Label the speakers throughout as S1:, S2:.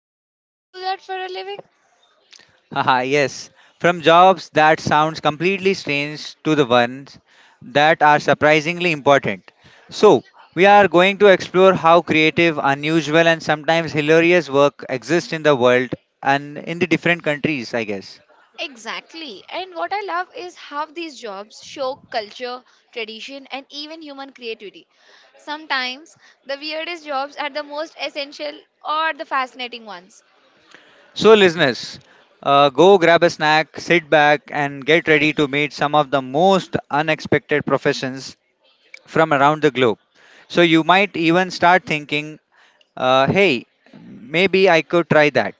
S1: people actually do that for a living?
S2: Haha, yes, from jobs that sounds completely strange to the ones that are surprisingly important. So, we are going to explore how creative, unusual, and sometimes hilarious work exists in the world and in the different countries, I guess.
S1: Exactly, and what I love is how these jobs show culture, tradition, and even human creativity. Sometimes the weirdest jobs are the most essential or the fascinating ones.
S2: So, listeners, go grab a snack, sit back, and get ready to meet some of the most unexpected professions from around the globe. So you might even start thinking hey, maybe I could try that.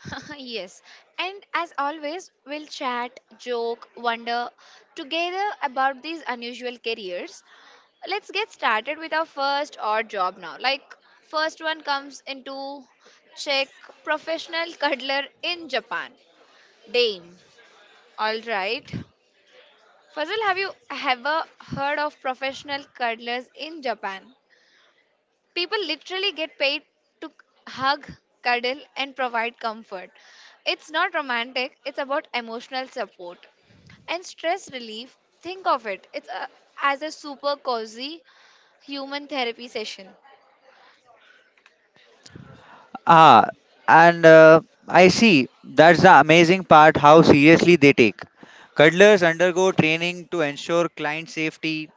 S1: Yes. And as always, we'll chat, joke, wonder together about these unusual careers. Let's get started with our first odd job now. Like, first one comes into Czech, professional cuddler in Japan, Dame. All right. Fazal, have you ever heard of professional cuddlers in Japan? People literally get paid to hug, cuddle, and provide comfort. It's not romantic, it's about emotional support and stress relief. Think of it, as a super cozy human therapy session.
S2: Ah, and I see that's the amazing part how seriously they take. Cuddlers undergo training to ensure client safety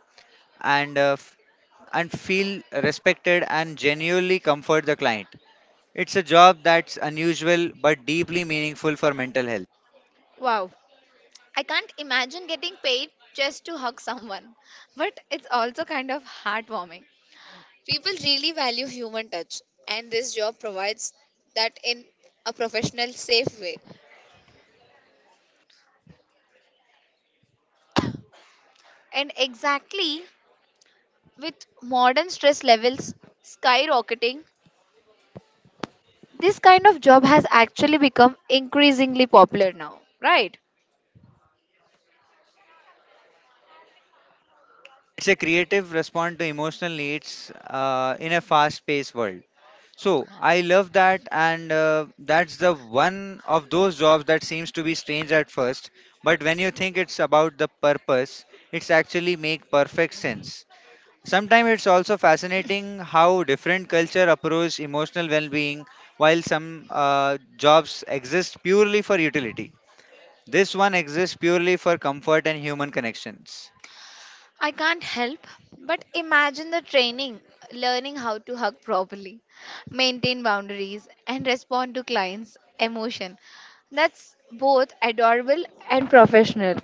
S2: and uh, f- and feel respected and genuinely comfort the client. It's a job that's unusual but deeply meaningful for mental health.
S1: Wow, I can't imagine getting paid just to hug someone. But it's also kind of heartwarming. People really value human touch, and this job provides that in a professional, safe way. And exactly. With modern stress levels skyrocketing, this kind of job has actually become increasingly popular now, right?
S2: It's a creative response to emotional needs in a fast-paced world. So I love that, and that's the one of those jobs that seems to be strange at first, but when you think it's about the purpose, it's actually make perfect sense. Sometimes it's also fascinating how different culture approach emotional well-being, while some jobs exist purely for utility. This one exists purely for comfort and human connections.
S1: I can't help but imagine the training, learning how to hug properly, maintain boundaries, and respond to clients' emotion. That's both adorable and professional.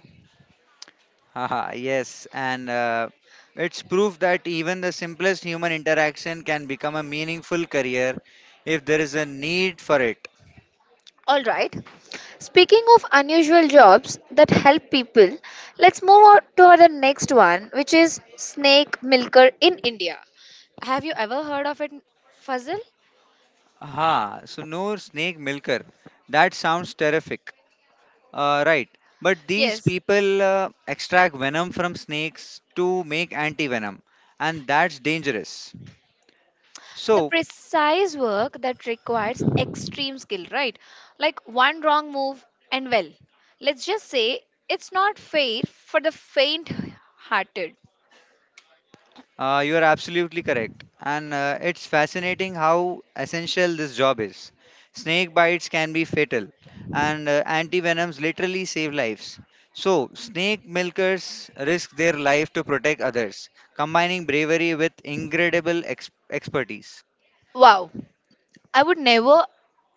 S2: Haha, yes, and it's proof that even the simplest human interaction can become a meaningful career if there is a need for it.
S1: All right. Speaking of unusual jobs that help people, let's move on to our next one, which is snake milker in India. Have you ever heard of it, Fazil?
S2: Aha, so no snake milker. That sounds terrific. Right, but these
S1: Yes.
S2: people extract venom from snakes to make anti venom, and that's dangerous.
S1: The
S2: So,
S1: precise work that requires extreme skill, right? Like one wrong move, and well, let's just say it's not fair for the faint hearted.
S2: You are absolutely correct. And it's fascinating how essential this job is. Snake bites can be fatal, and antivenoms literally save lives. So, snake milkers risk their life to protect others, combining bravery with incredible expertise.
S1: Wow. I would never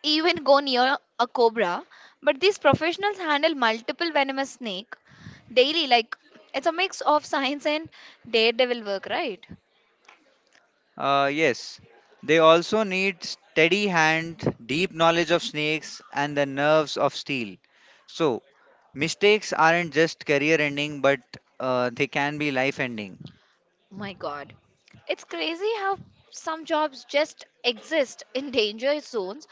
S1: even go near a cobra, but these professionals handle multiple venomous snake daily. Like, it's a mix of science and daredevil work, right?
S2: Yes, they also need steady hand, deep knowledge of snakes, and the nerves of steel. So, mistakes aren't just career ending, but they can be life ending.
S1: My God, it's crazy how some jobs just exist in danger zones.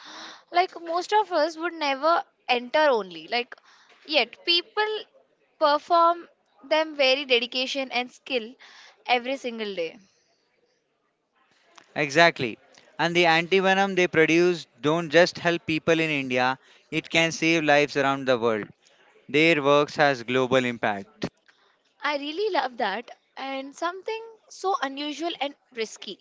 S1: Like, most of us would never enter only. Like, yet people perform them very dedication and skill every single day.
S2: Exactly. And the antivenom they produce don't just help people in India, it can save lives around the world. Their works has global impact.
S1: I really love that, and something so unusual and risky.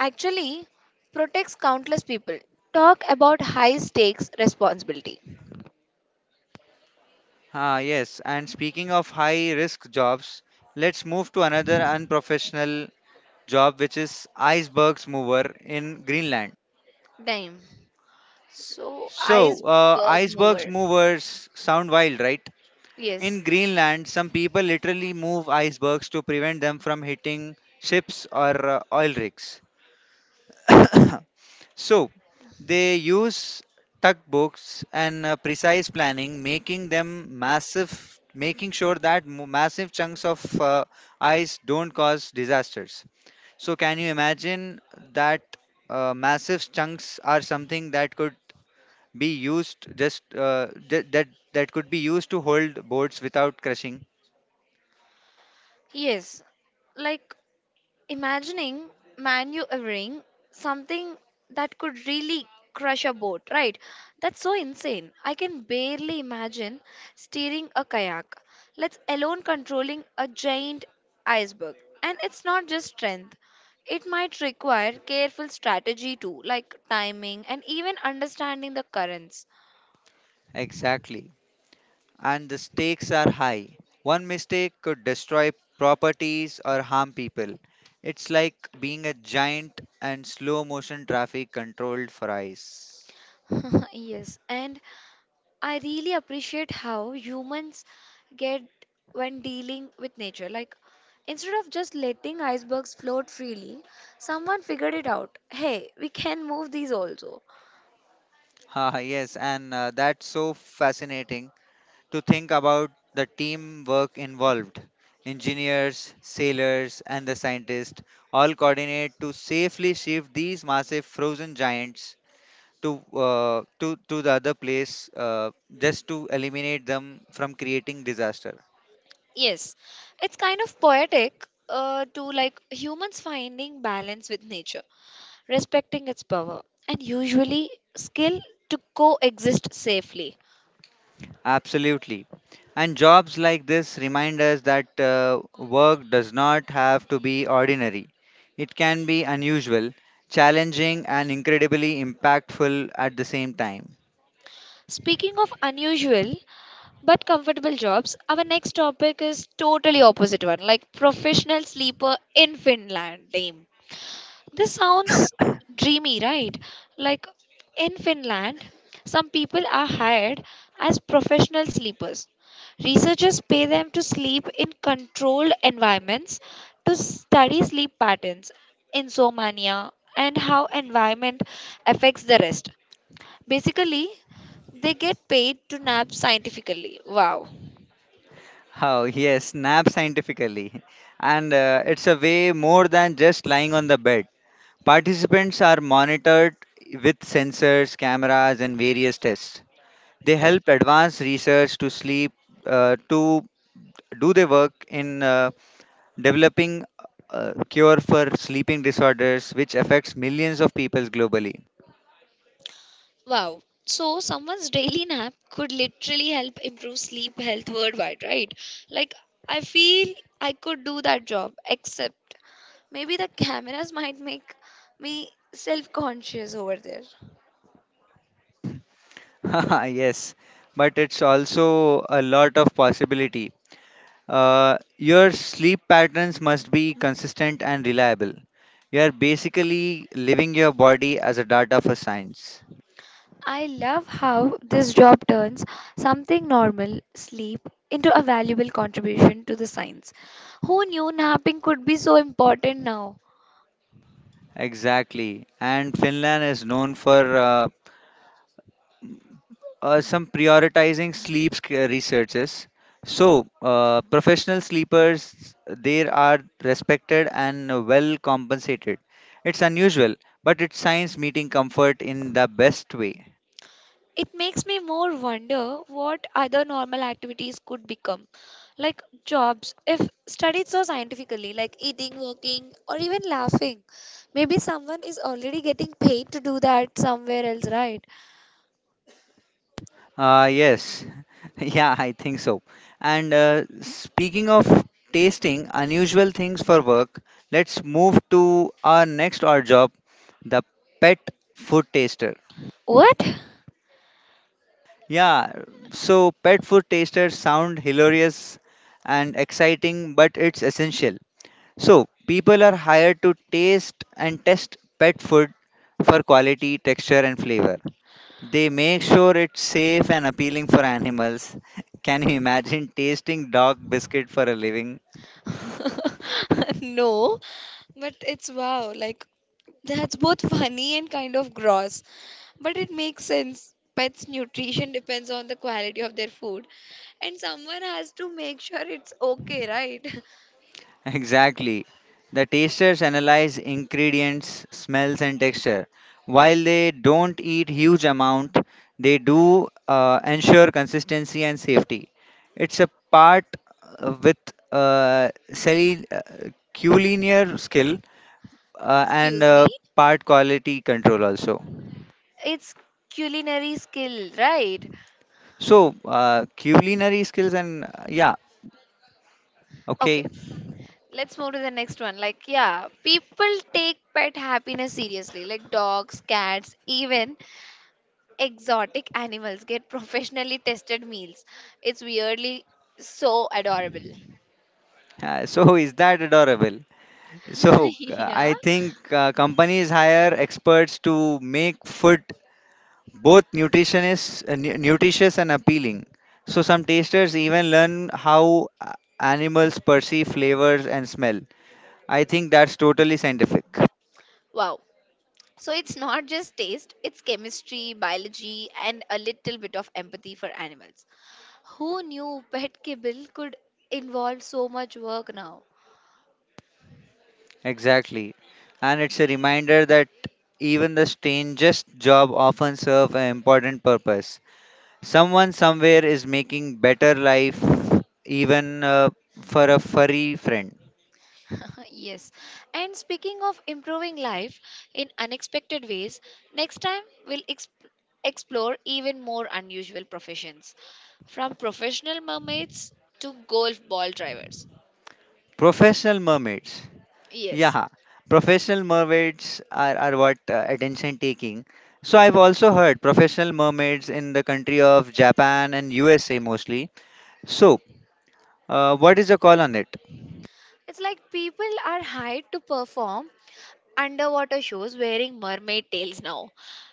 S1: Actually, protects countless people. Talk about high stakes responsibility.
S2: Yes, and speaking of high risk jobs, let's move to another unprofessional job, which is icebergs mover in Greenland.
S1: Damn. So,
S2: So,
S1: iceberg
S2: icebergs
S1: mover.
S2: movers sound wild, right?
S1: Yes.
S2: In Greenland, some people literally move icebergs to prevent them from hitting ships or oil rigs. So, they use tugboats and precise planning, making sure that massive chunks of ice don't cause disasters. So can you imagine that massive chunks are something that could be used just uh, that could be used to hold boards without crushing?
S1: Yes. Like, imagining maneuvering something that could really crush a boat, right? That's so insane. I can barely imagine steering a kayak, let alone controlling a giant iceberg. And it's not just strength. It might require careful strategy too, like timing and even understanding the currents.
S2: Exactly. And the stakes are high. One mistake could destroy properties or harm people. It's like being a giant and slow motion traffic controlled for eyes.
S1: Yes, and I really appreciate how humans get when dealing with nature. Like, instead of just letting icebergs float freely, someone figured it out. Hey, we can move these also.
S2: Ah, yes, and That's so fascinating to think about the teamwork involved. Engineers, sailors, and the scientists all coordinate to safely shift these massive frozen giants to the other place just to eliminate them from creating disaster.
S1: Yes, it's kind of poetic to, like, humans finding balance with nature, respecting its power, and usually skill to coexist safely.
S2: Absolutely. And jobs like this remind us that work does not have to be ordinary. It can be unusual, challenging, and incredibly impactful at the same time.
S1: Speaking of unusual, but comfortable jobs, our next topic is totally opposite one, like professional sleeper in Finland. Name, this sounds dreamy, right? Like, in Finland, some people are hired as professional sleepers. Researchers pay them to sleep in controlled environments to study sleep patterns, insomnia, and how environment affects the rest. Basically, they get paid to nap scientifically. Wow.
S2: How, yes, nap scientifically. And it's a way more than just lying on the bed. Participants are monitored with sensors, cameras, and various tests. They help advance research to sleep, to do their work in developing a cure for sleeping disorders, which affects millions of people globally.
S1: Wow. So someone's daily nap could literally help improve sleep health worldwide, right? Like, I feel I could do that job, except maybe the cameras might make me self-conscious over there.
S2: Yes, but it's also a lot of possibility. Your sleep patterns must be consistent and reliable. You are basically living your body as a data for science.
S1: I love how this job turns something normal, sleep, into a valuable contribution to the science. Who knew napping could be so important now?
S2: Exactly. And Finland is known for some prioritizing sleep researches. So, professional sleepers, they are respected and well compensated. It's unusual, but it's science meeting comfort in the best way.
S1: It makes me more wonder what other normal activities could become, like jobs, if studied so scientifically, like eating, working, or even laughing. Maybe someone is already getting paid to do that somewhere else, right?
S2: Yes, yeah, I think so. And speaking of tasting unusual things for work, let's move to our next odd job, the pet food taster.
S1: What?
S2: Yeah, so pet food tasters sound hilarious and exciting, but it's essential. So people are hired to taste and test pet food for quality, texture, and flavor. They make sure it's safe and appealing for animals. Can you imagine tasting dog biscuit for a living?
S1: No, but it's wow, like that's both funny and kind of gross. But it makes sense. Pets' nutrition depends on the quality of their food, and someone has to make sure it's okay, right?
S2: Exactly. The tasters analyze ingredients, smells, and texture. While they don't eat huge amount, they do ensure consistency and safety. It's a part uh, with uh, cel- uh, culinary skill uh, and
S1: Excuse
S2: uh,
S1: me?
S2: part quality control also.
S1: It's culinary skill, right?
S2: So, culinary skills and yeah, okay.
S1: Okay, let's move to the next one. Like, yeah, people take pet happiness seriously, like dogs, cats, even exotic animals get professionally tested meals. It's weirdly so adorable.
S2: So, is that adorable? So,
S1: Yeah.
S2: I think companies hire experts to make food both nutritionists, nutritious and appealing. So, some tasters even learn how animals perceive flavors and smell. I think that's totally scientific.
S1: Wow, so it's not just taste, it's chemistry, biology, and a little bit of empathy for animals. Who knew pet kibble could involve so much work now?
S2: Exactly. And it's a reminder that even the strangest job often serve an important purpose. Someone somewhere is making better life even for a furry friend.
S1: Yes. And speaking of improving life in unexpected ways, next time we'll explore even more unusual professions, from professional mermaids to golf ball drivers.
S2: Professional mermaids.
S1: Yes.
S2: Yeah, professional mermaids are what attention taking. So I've also heard professional mermaids in the country of Japan and USA mostly. So, what is the call on it?
S1: It's like people are hired to perform underwater shows wearing mermaid tails now.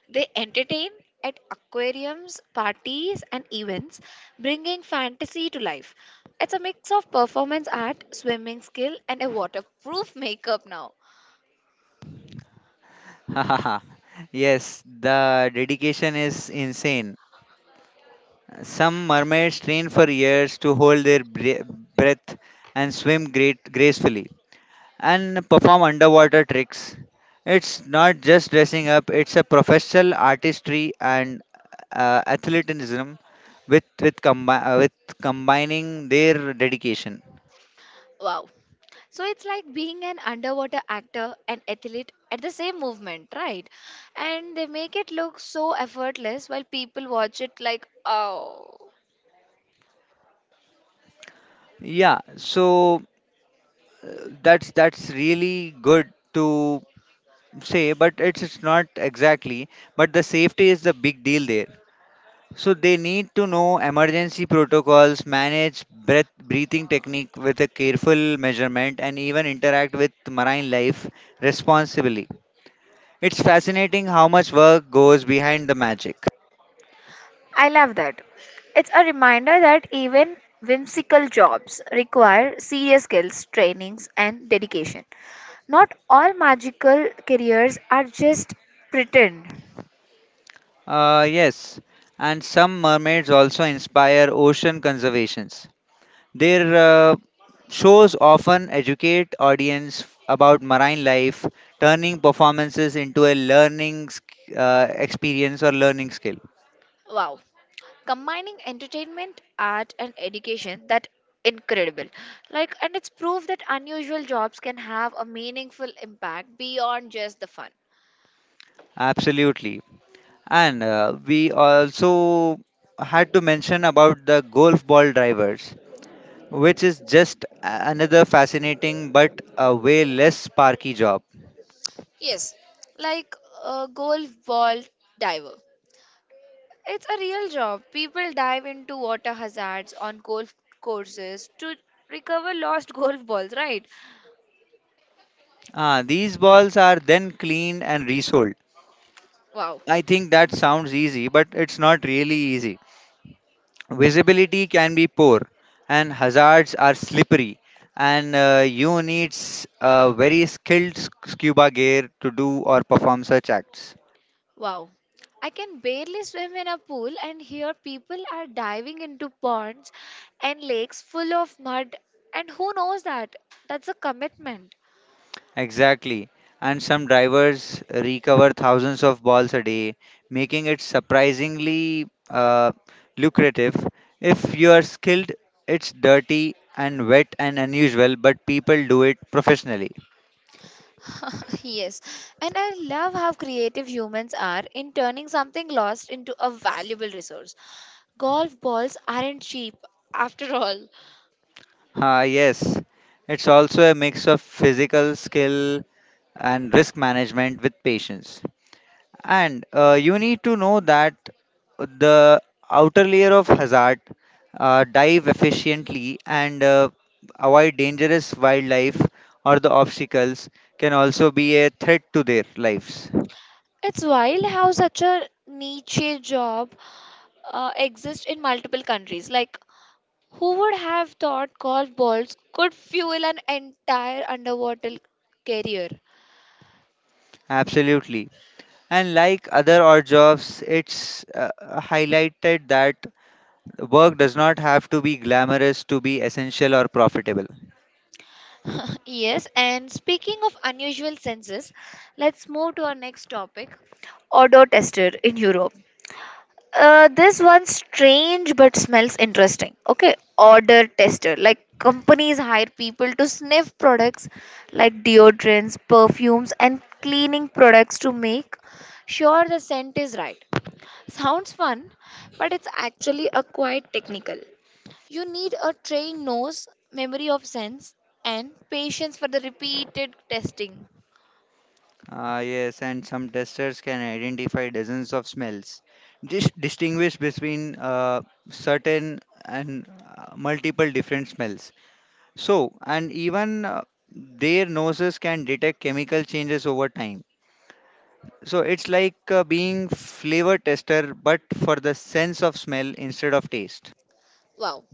S1: They entertain at aquariums, parties, and events, bringing fantasy to life. It's a mix of performance art, swimming skill, and a waterproof makeup now.
S2: Yes, the dedication is insane. Some mermaids train for years to hold their breath and swim great gracefully and perform underwater tricks. It's not just dressing up, it's a professional artistry and athleticism with combining their dedication.
S1: Wow. So it's like being an underwater actor and athlete at the same movement, right? And they make it look so effortless while people watch it like, oh.
S2: Yeah, so that's really good to say, but it's not exactly. But the safety is the big deal there. So they need to know emergency protocols, manage breath breathing technique with a careful measurement, and even interact with marine life responsibly. It's fascinating how much work goes behind the magic.
S1: I love that. It's a reminder that even whimsical jobs require serious skills, trainings, and dedication. Not all magical careers are just pretend.
S2: Yes, and some mermaids also inspire ocean conservations. Their uh, shows often educate audience about marine life, turning performances into a learning experience or learning skill.
S1: Wow. Combining entertainment, art, and education, that incredible. Like, and it's proof that unusual jobs can have a meaningful impact beyond just the fun.
S2: Absolutely. And we also had to mention about the golf ball drivers, which is just another fascinating but a way less sparky job.
S1: Yes, like a gold ball diver. It's a real job. People dive into water hazards on golf courses to recover lost golf balls, right?
S2: Ah, these balls are then cleaned and resold.
S1: Wow,
S2: I think that sounds easy, but it's not really easy. Visibility can be poor, and hazards are slippery, and you need a very skilled scuba gear to do or perform such acts.
S1: wow. I can barely swim in a pool, and here people are diving into ponds and lakes full of mud. And who knows that? That's a commitment.
S2: Exactly. And some drivers recover thousands of balls a day, making it surprisingly lucrative. If you are skilled, it's dirty and wet and unusual, but people do it professionally.
S1: Yes, and I love how creative humans are in turning something lost into a valuable resource. Golf balls aren't cheap, after all.
S2: Ah, yes. It's also a mix of physical skill and risk management with patience. And you need to know that the outer layer of hazard, dive efficiently, and avoid dangerous wildlife or the obstacles can also be a threat to their lives.
S1: It's wild how such a niche job exists in multiple countries. Like, who would have thought golf balls could fuel an entire underwater career?
S2: Absolutely. And like other odd jobs, it's highlighted that work does not have to be glamorous to be essential or profitable.
S1: Yes, and speaking of unusual senses, let's move to our next topic, odor tester in Europe. This one's strange but smells interesting. Okay, odor tester. Like, companies hire people to sniff products like deodorants, perfumes, and cleaning products to make sure the scent is right. Sounds fun, but it's actually a quite technical. You need a trained nose, memory of scents, and patience for the repeated testing.
S2: Ah, yes, and some testers can identify dozens of smells, distinguish between certain and multiple different smells. So, and even their noses can detect chemical changes over time. So, it's like being flavor tester but for the sense of smell instead of taste.
S1: Wow,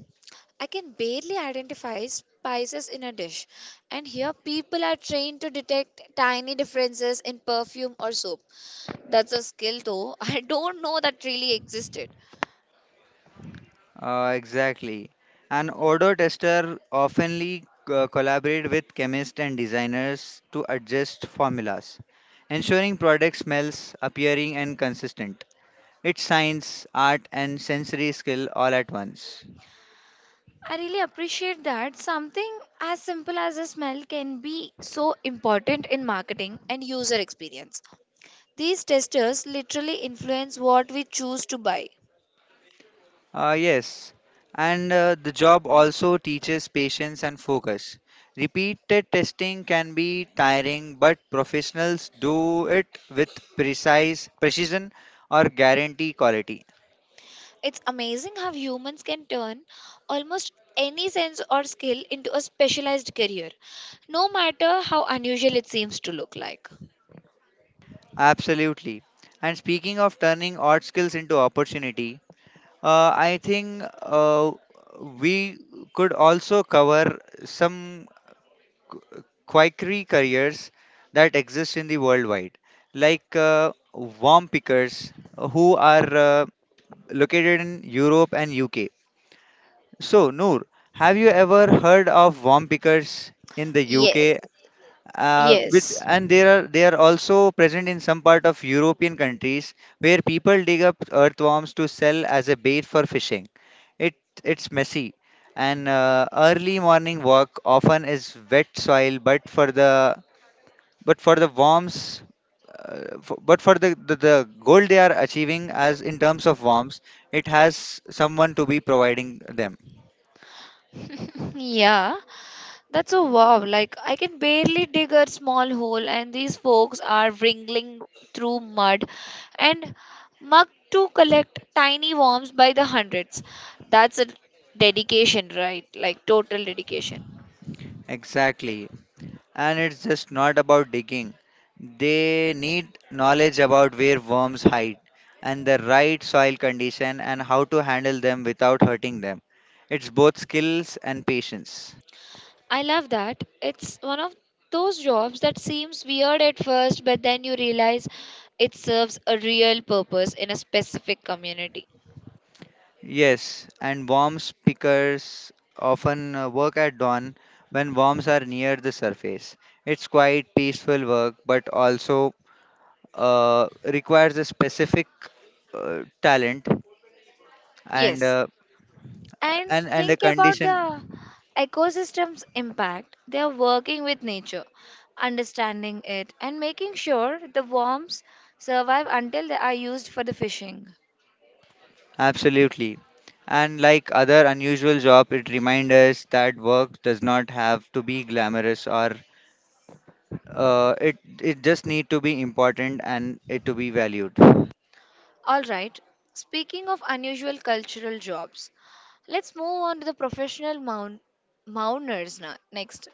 S1: I can barely identify spices in a dish, and here people are trained to detect tiny differences in perfume or soap. That's a skill, though. I don't know that really existed.
S2: Exactly. An odor tester oftenly collaborate with chemists and designers to adjust formulas, ensuring product smells appearing and consistent. It's science, art, and sensory skill all at once.
S1: I really appreciate that something as simple as a smell can be so important in marketing. And user experience. These testers literally influence what we choose to buy.
S2: Yes, and The job also teaches patience and focus. Repeated testing can be tiring, but professionals do it with precise precision or guarantee quality.
S1: It's amazing how humans can turn almost any sense or skill into a specialized career, no matter how unusual it seems to look like.
S2: Absolutely. And speaking of turning odd skills into opportunity, I think we could also cover some quackery careers that exist in the worldwide, like worm pickers who are located in Europe and UK. So, Noor, have you ever heard of worm pickers in the
S1: Yes,
S2: UK, which
S1: yes.
S2: and they are also present in some part of European countries where people dig up earthworms to sell as a bait for fishing. It it's messy, and early morning walk often is wet soil, but for the worms. But for the goal they are achieving as in terms of worms, it has someone to be providing them.
S1: Yeah, that's a wow. Like, I can barely dig a small hole, and these folks are wriggling through mud and mug to collect tiny worms by the hundreds. That's a dedication, right? Like, total dedication.
S2: Exactly, and it's just not about digging. They need knowledge about where worms hide and the right soil condition and how to handle them without hurting them. It's both skills and patience.
S1: I love that. It's one of those jobs that seems weird at first, but then you realize it serves a real purpose in a specific community.
S2: Yes, and worms pickers often work at dawn when worms are near the surface. It's quite peaceful work, but also requires a specific talent and
S1: Yes.
S2: uh,
S1: And
S2: and the
S1: think about
S2: condition.
S1: the ecosystem's impact. They are working with nature, understanding it, and making sure the worms survive until they are used for the fishing.
S2: Absolutely. And like other unusual job, it reminds us that work does not have to be glamorous or it just need to be important and it to be valued.
S1: All right. Speaking of unusual cultural jobs, let's move on to the professional mounters now, next,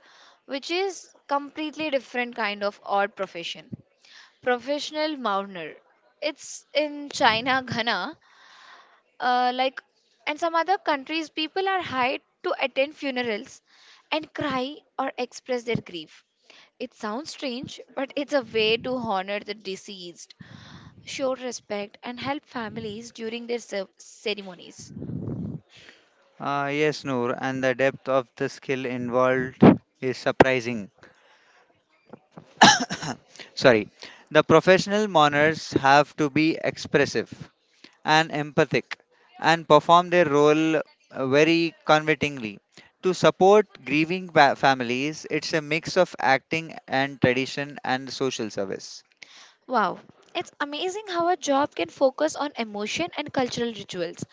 S1: which is completely different kind of odd profession. Professional mountner. It's in China, Ghana, like, and some other countries. People are hired to attend funerals and cry or express their grief. It sounds strange, but it's a way to honor the deceased, show respect, and help families during their ceremonies.
S2: Yes, Noor, and the depth of the skill involved is surprising. Sorry, the professional mourners have to be expressive and empathic and perform their role very convincingly. To support grieving families, it's a mix of acting and tradition and social service.
S1: Wow, it's amazing how a job can focus on emotion and cultural rituals.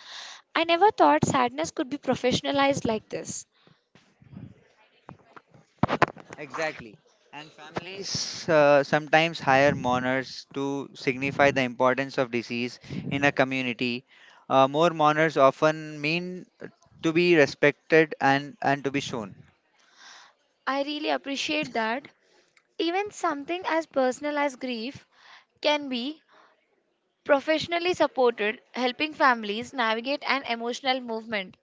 S1: I never thought sadness could be professionalized like this.
S2: Exactly. And families sometimes hire mourners to signify the importance of disease in a community. More mourners often mean to be respected and to be shown.
S1: I really appreciate that. Even something as personal as grief can be professionally supported, helping families navigate an emotional movement.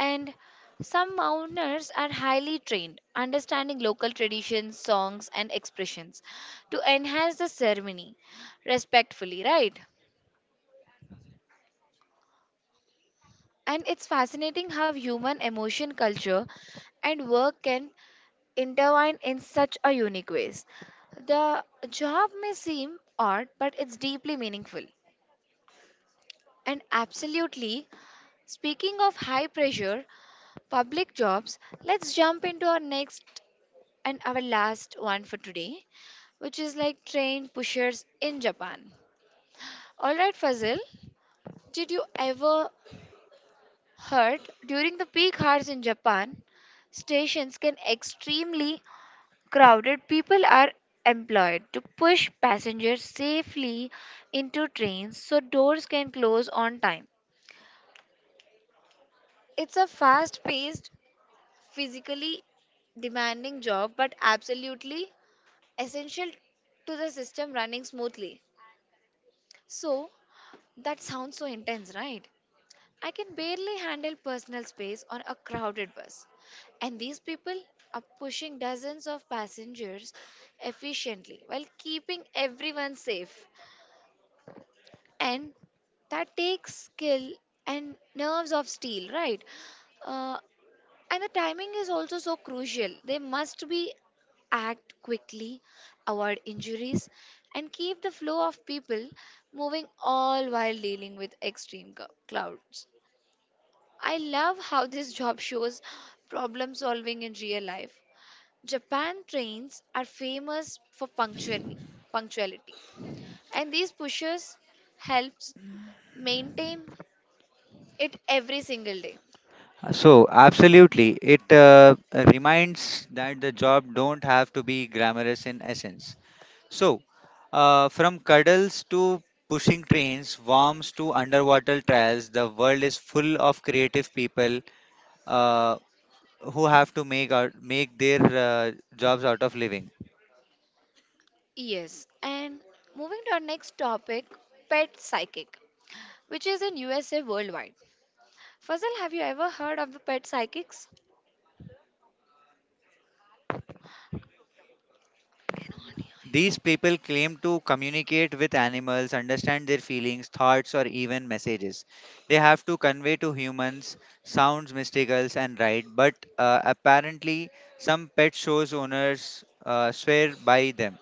S1: And some mourners are highly trained, understanding local traditions, songs, and expressions to enhance the ceremony respectfully, right? And it's fascinating how human emotion, culture, and work can intertwine in such a unique ways. The job may seem odd, but it's deeply meaningful. And absolutely, speaking of high pressure public jobs, let's jump into our next and our last one for today, which is like train pushers in Japan. All right, Fazil, did you ever hurt during the peak hours in Japan? Stations can extremely crowded. People are employed to push passengers safely into trains so doors can close on time. It's a fast-paced, physically demanding job but absolutely essential to the system running smoothly. So that sounds so intense, right? I can barely handle personal space on a crowded bus. And these people are pushing dozens of passengers efficiently while keeping everyone safe. And that takes skill and nerves of steel, right? Uh, and the timing is also so crucial. They must be act quickly, avoid injuries, and keep the flow of people moving all while dealing with extreme clouds. I love how this job shows problem solving in real life. Japan trains are famous for punctuality, and these pushers helps maintain it every single day.
S2: So absolutely, it reminds that the job don't have to be glamorous in essence. So, from cuddles to pushing trains, worms to underwater trials, the world is full of creative people uh, who have to make out, make their jobs out of living.
S1: Yes, and moving to our next topic, pet psychic, which is in USA worldwide. Fazal, have you ever heard of the pet psychics?
S2: These people claim to communicate with animals, understand their feelings, thoughts, or even messages. They have to convey to humans sounds, mysticals, and right. But apparently, some pet shows owners swear by them.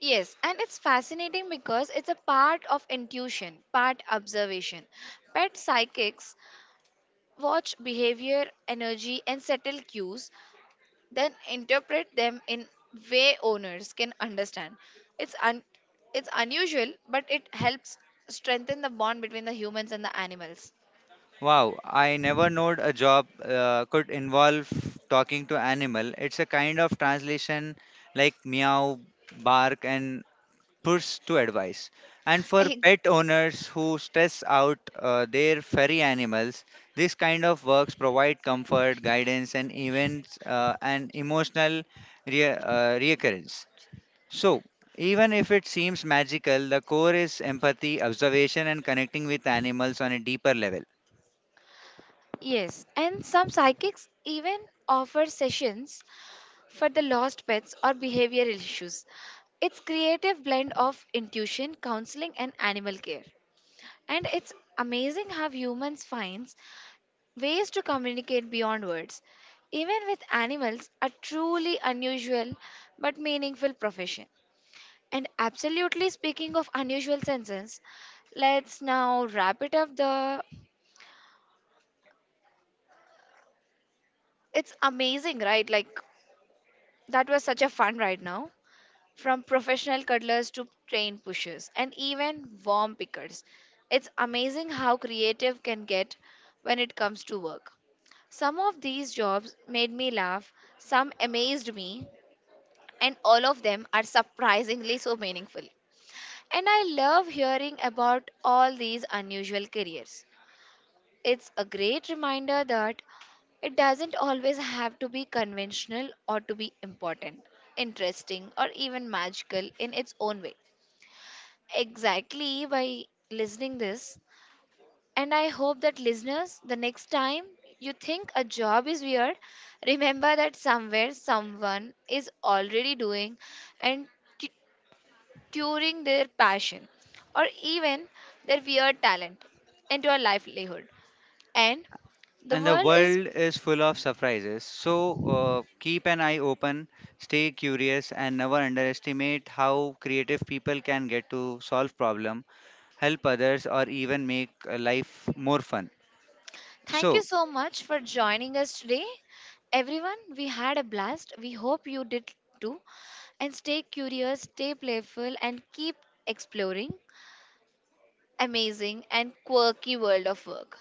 S1: Yes, and it's fascinating because it's a part of intuition, part observation. Pet psychics watch behavior, energy, and subtle cues, then interpret them in way owners can understand. It's it's unusual, but it helps strengthen the bond between the humans and the animals.
S2: Wow, I never knowed a job could involve talking to animal. It's a kind of translation like meow, bark, and push to advice. And for
S1: Eh,
S2: pet owners who stress out their furry animals, this kind of works provide comfort, guidance, and even an emotional recurrence. So, even if it seems magical, the core is empathy, observation, and connecting with animals on a deeper level.
S1: yes, and some psychics even offer sessions for the lost pets or behavioral issues. It's creative blend of intuition, counseling and animal care. And it's amazing how humans find ways to communicate beyond words. Even with animals, a truly unusual but meaningful profession. And absolutely, speaking of unusual senses, let's now wrap it up, the it's amazing, right? Like, that was such a fun right now. From professional cuddlers to train pushers and even worm pickers. It's amazing how creative can get when it comes to work. Some of these jobs made me laugh, some amazed me, and all of them are surprisingly so meaningful. And I love hearing about all these unusual careers. It's a great reminder that it doesn't always have to be conventional or to be important, interesting, or even magical in its own way. Exactly by listening this. And I hope that listeners, the next time you think a job is weird, remember that somewhere someone is already doing and turning their passion or even their weird talent into a livelihood. And the
S2: And the
S1: world is.
S2: world is full of surprises. So, keep an eye open, stay curious, and never underestimate how creative people can get to solve problems, help others, or even make life more fun.
S1: Thank you
S2: So,
S1: so much for joining us today. Everyone, we had a blast. We hope you did too. And stay curious, stay playful, and keep exploring amazing and quirky world of work.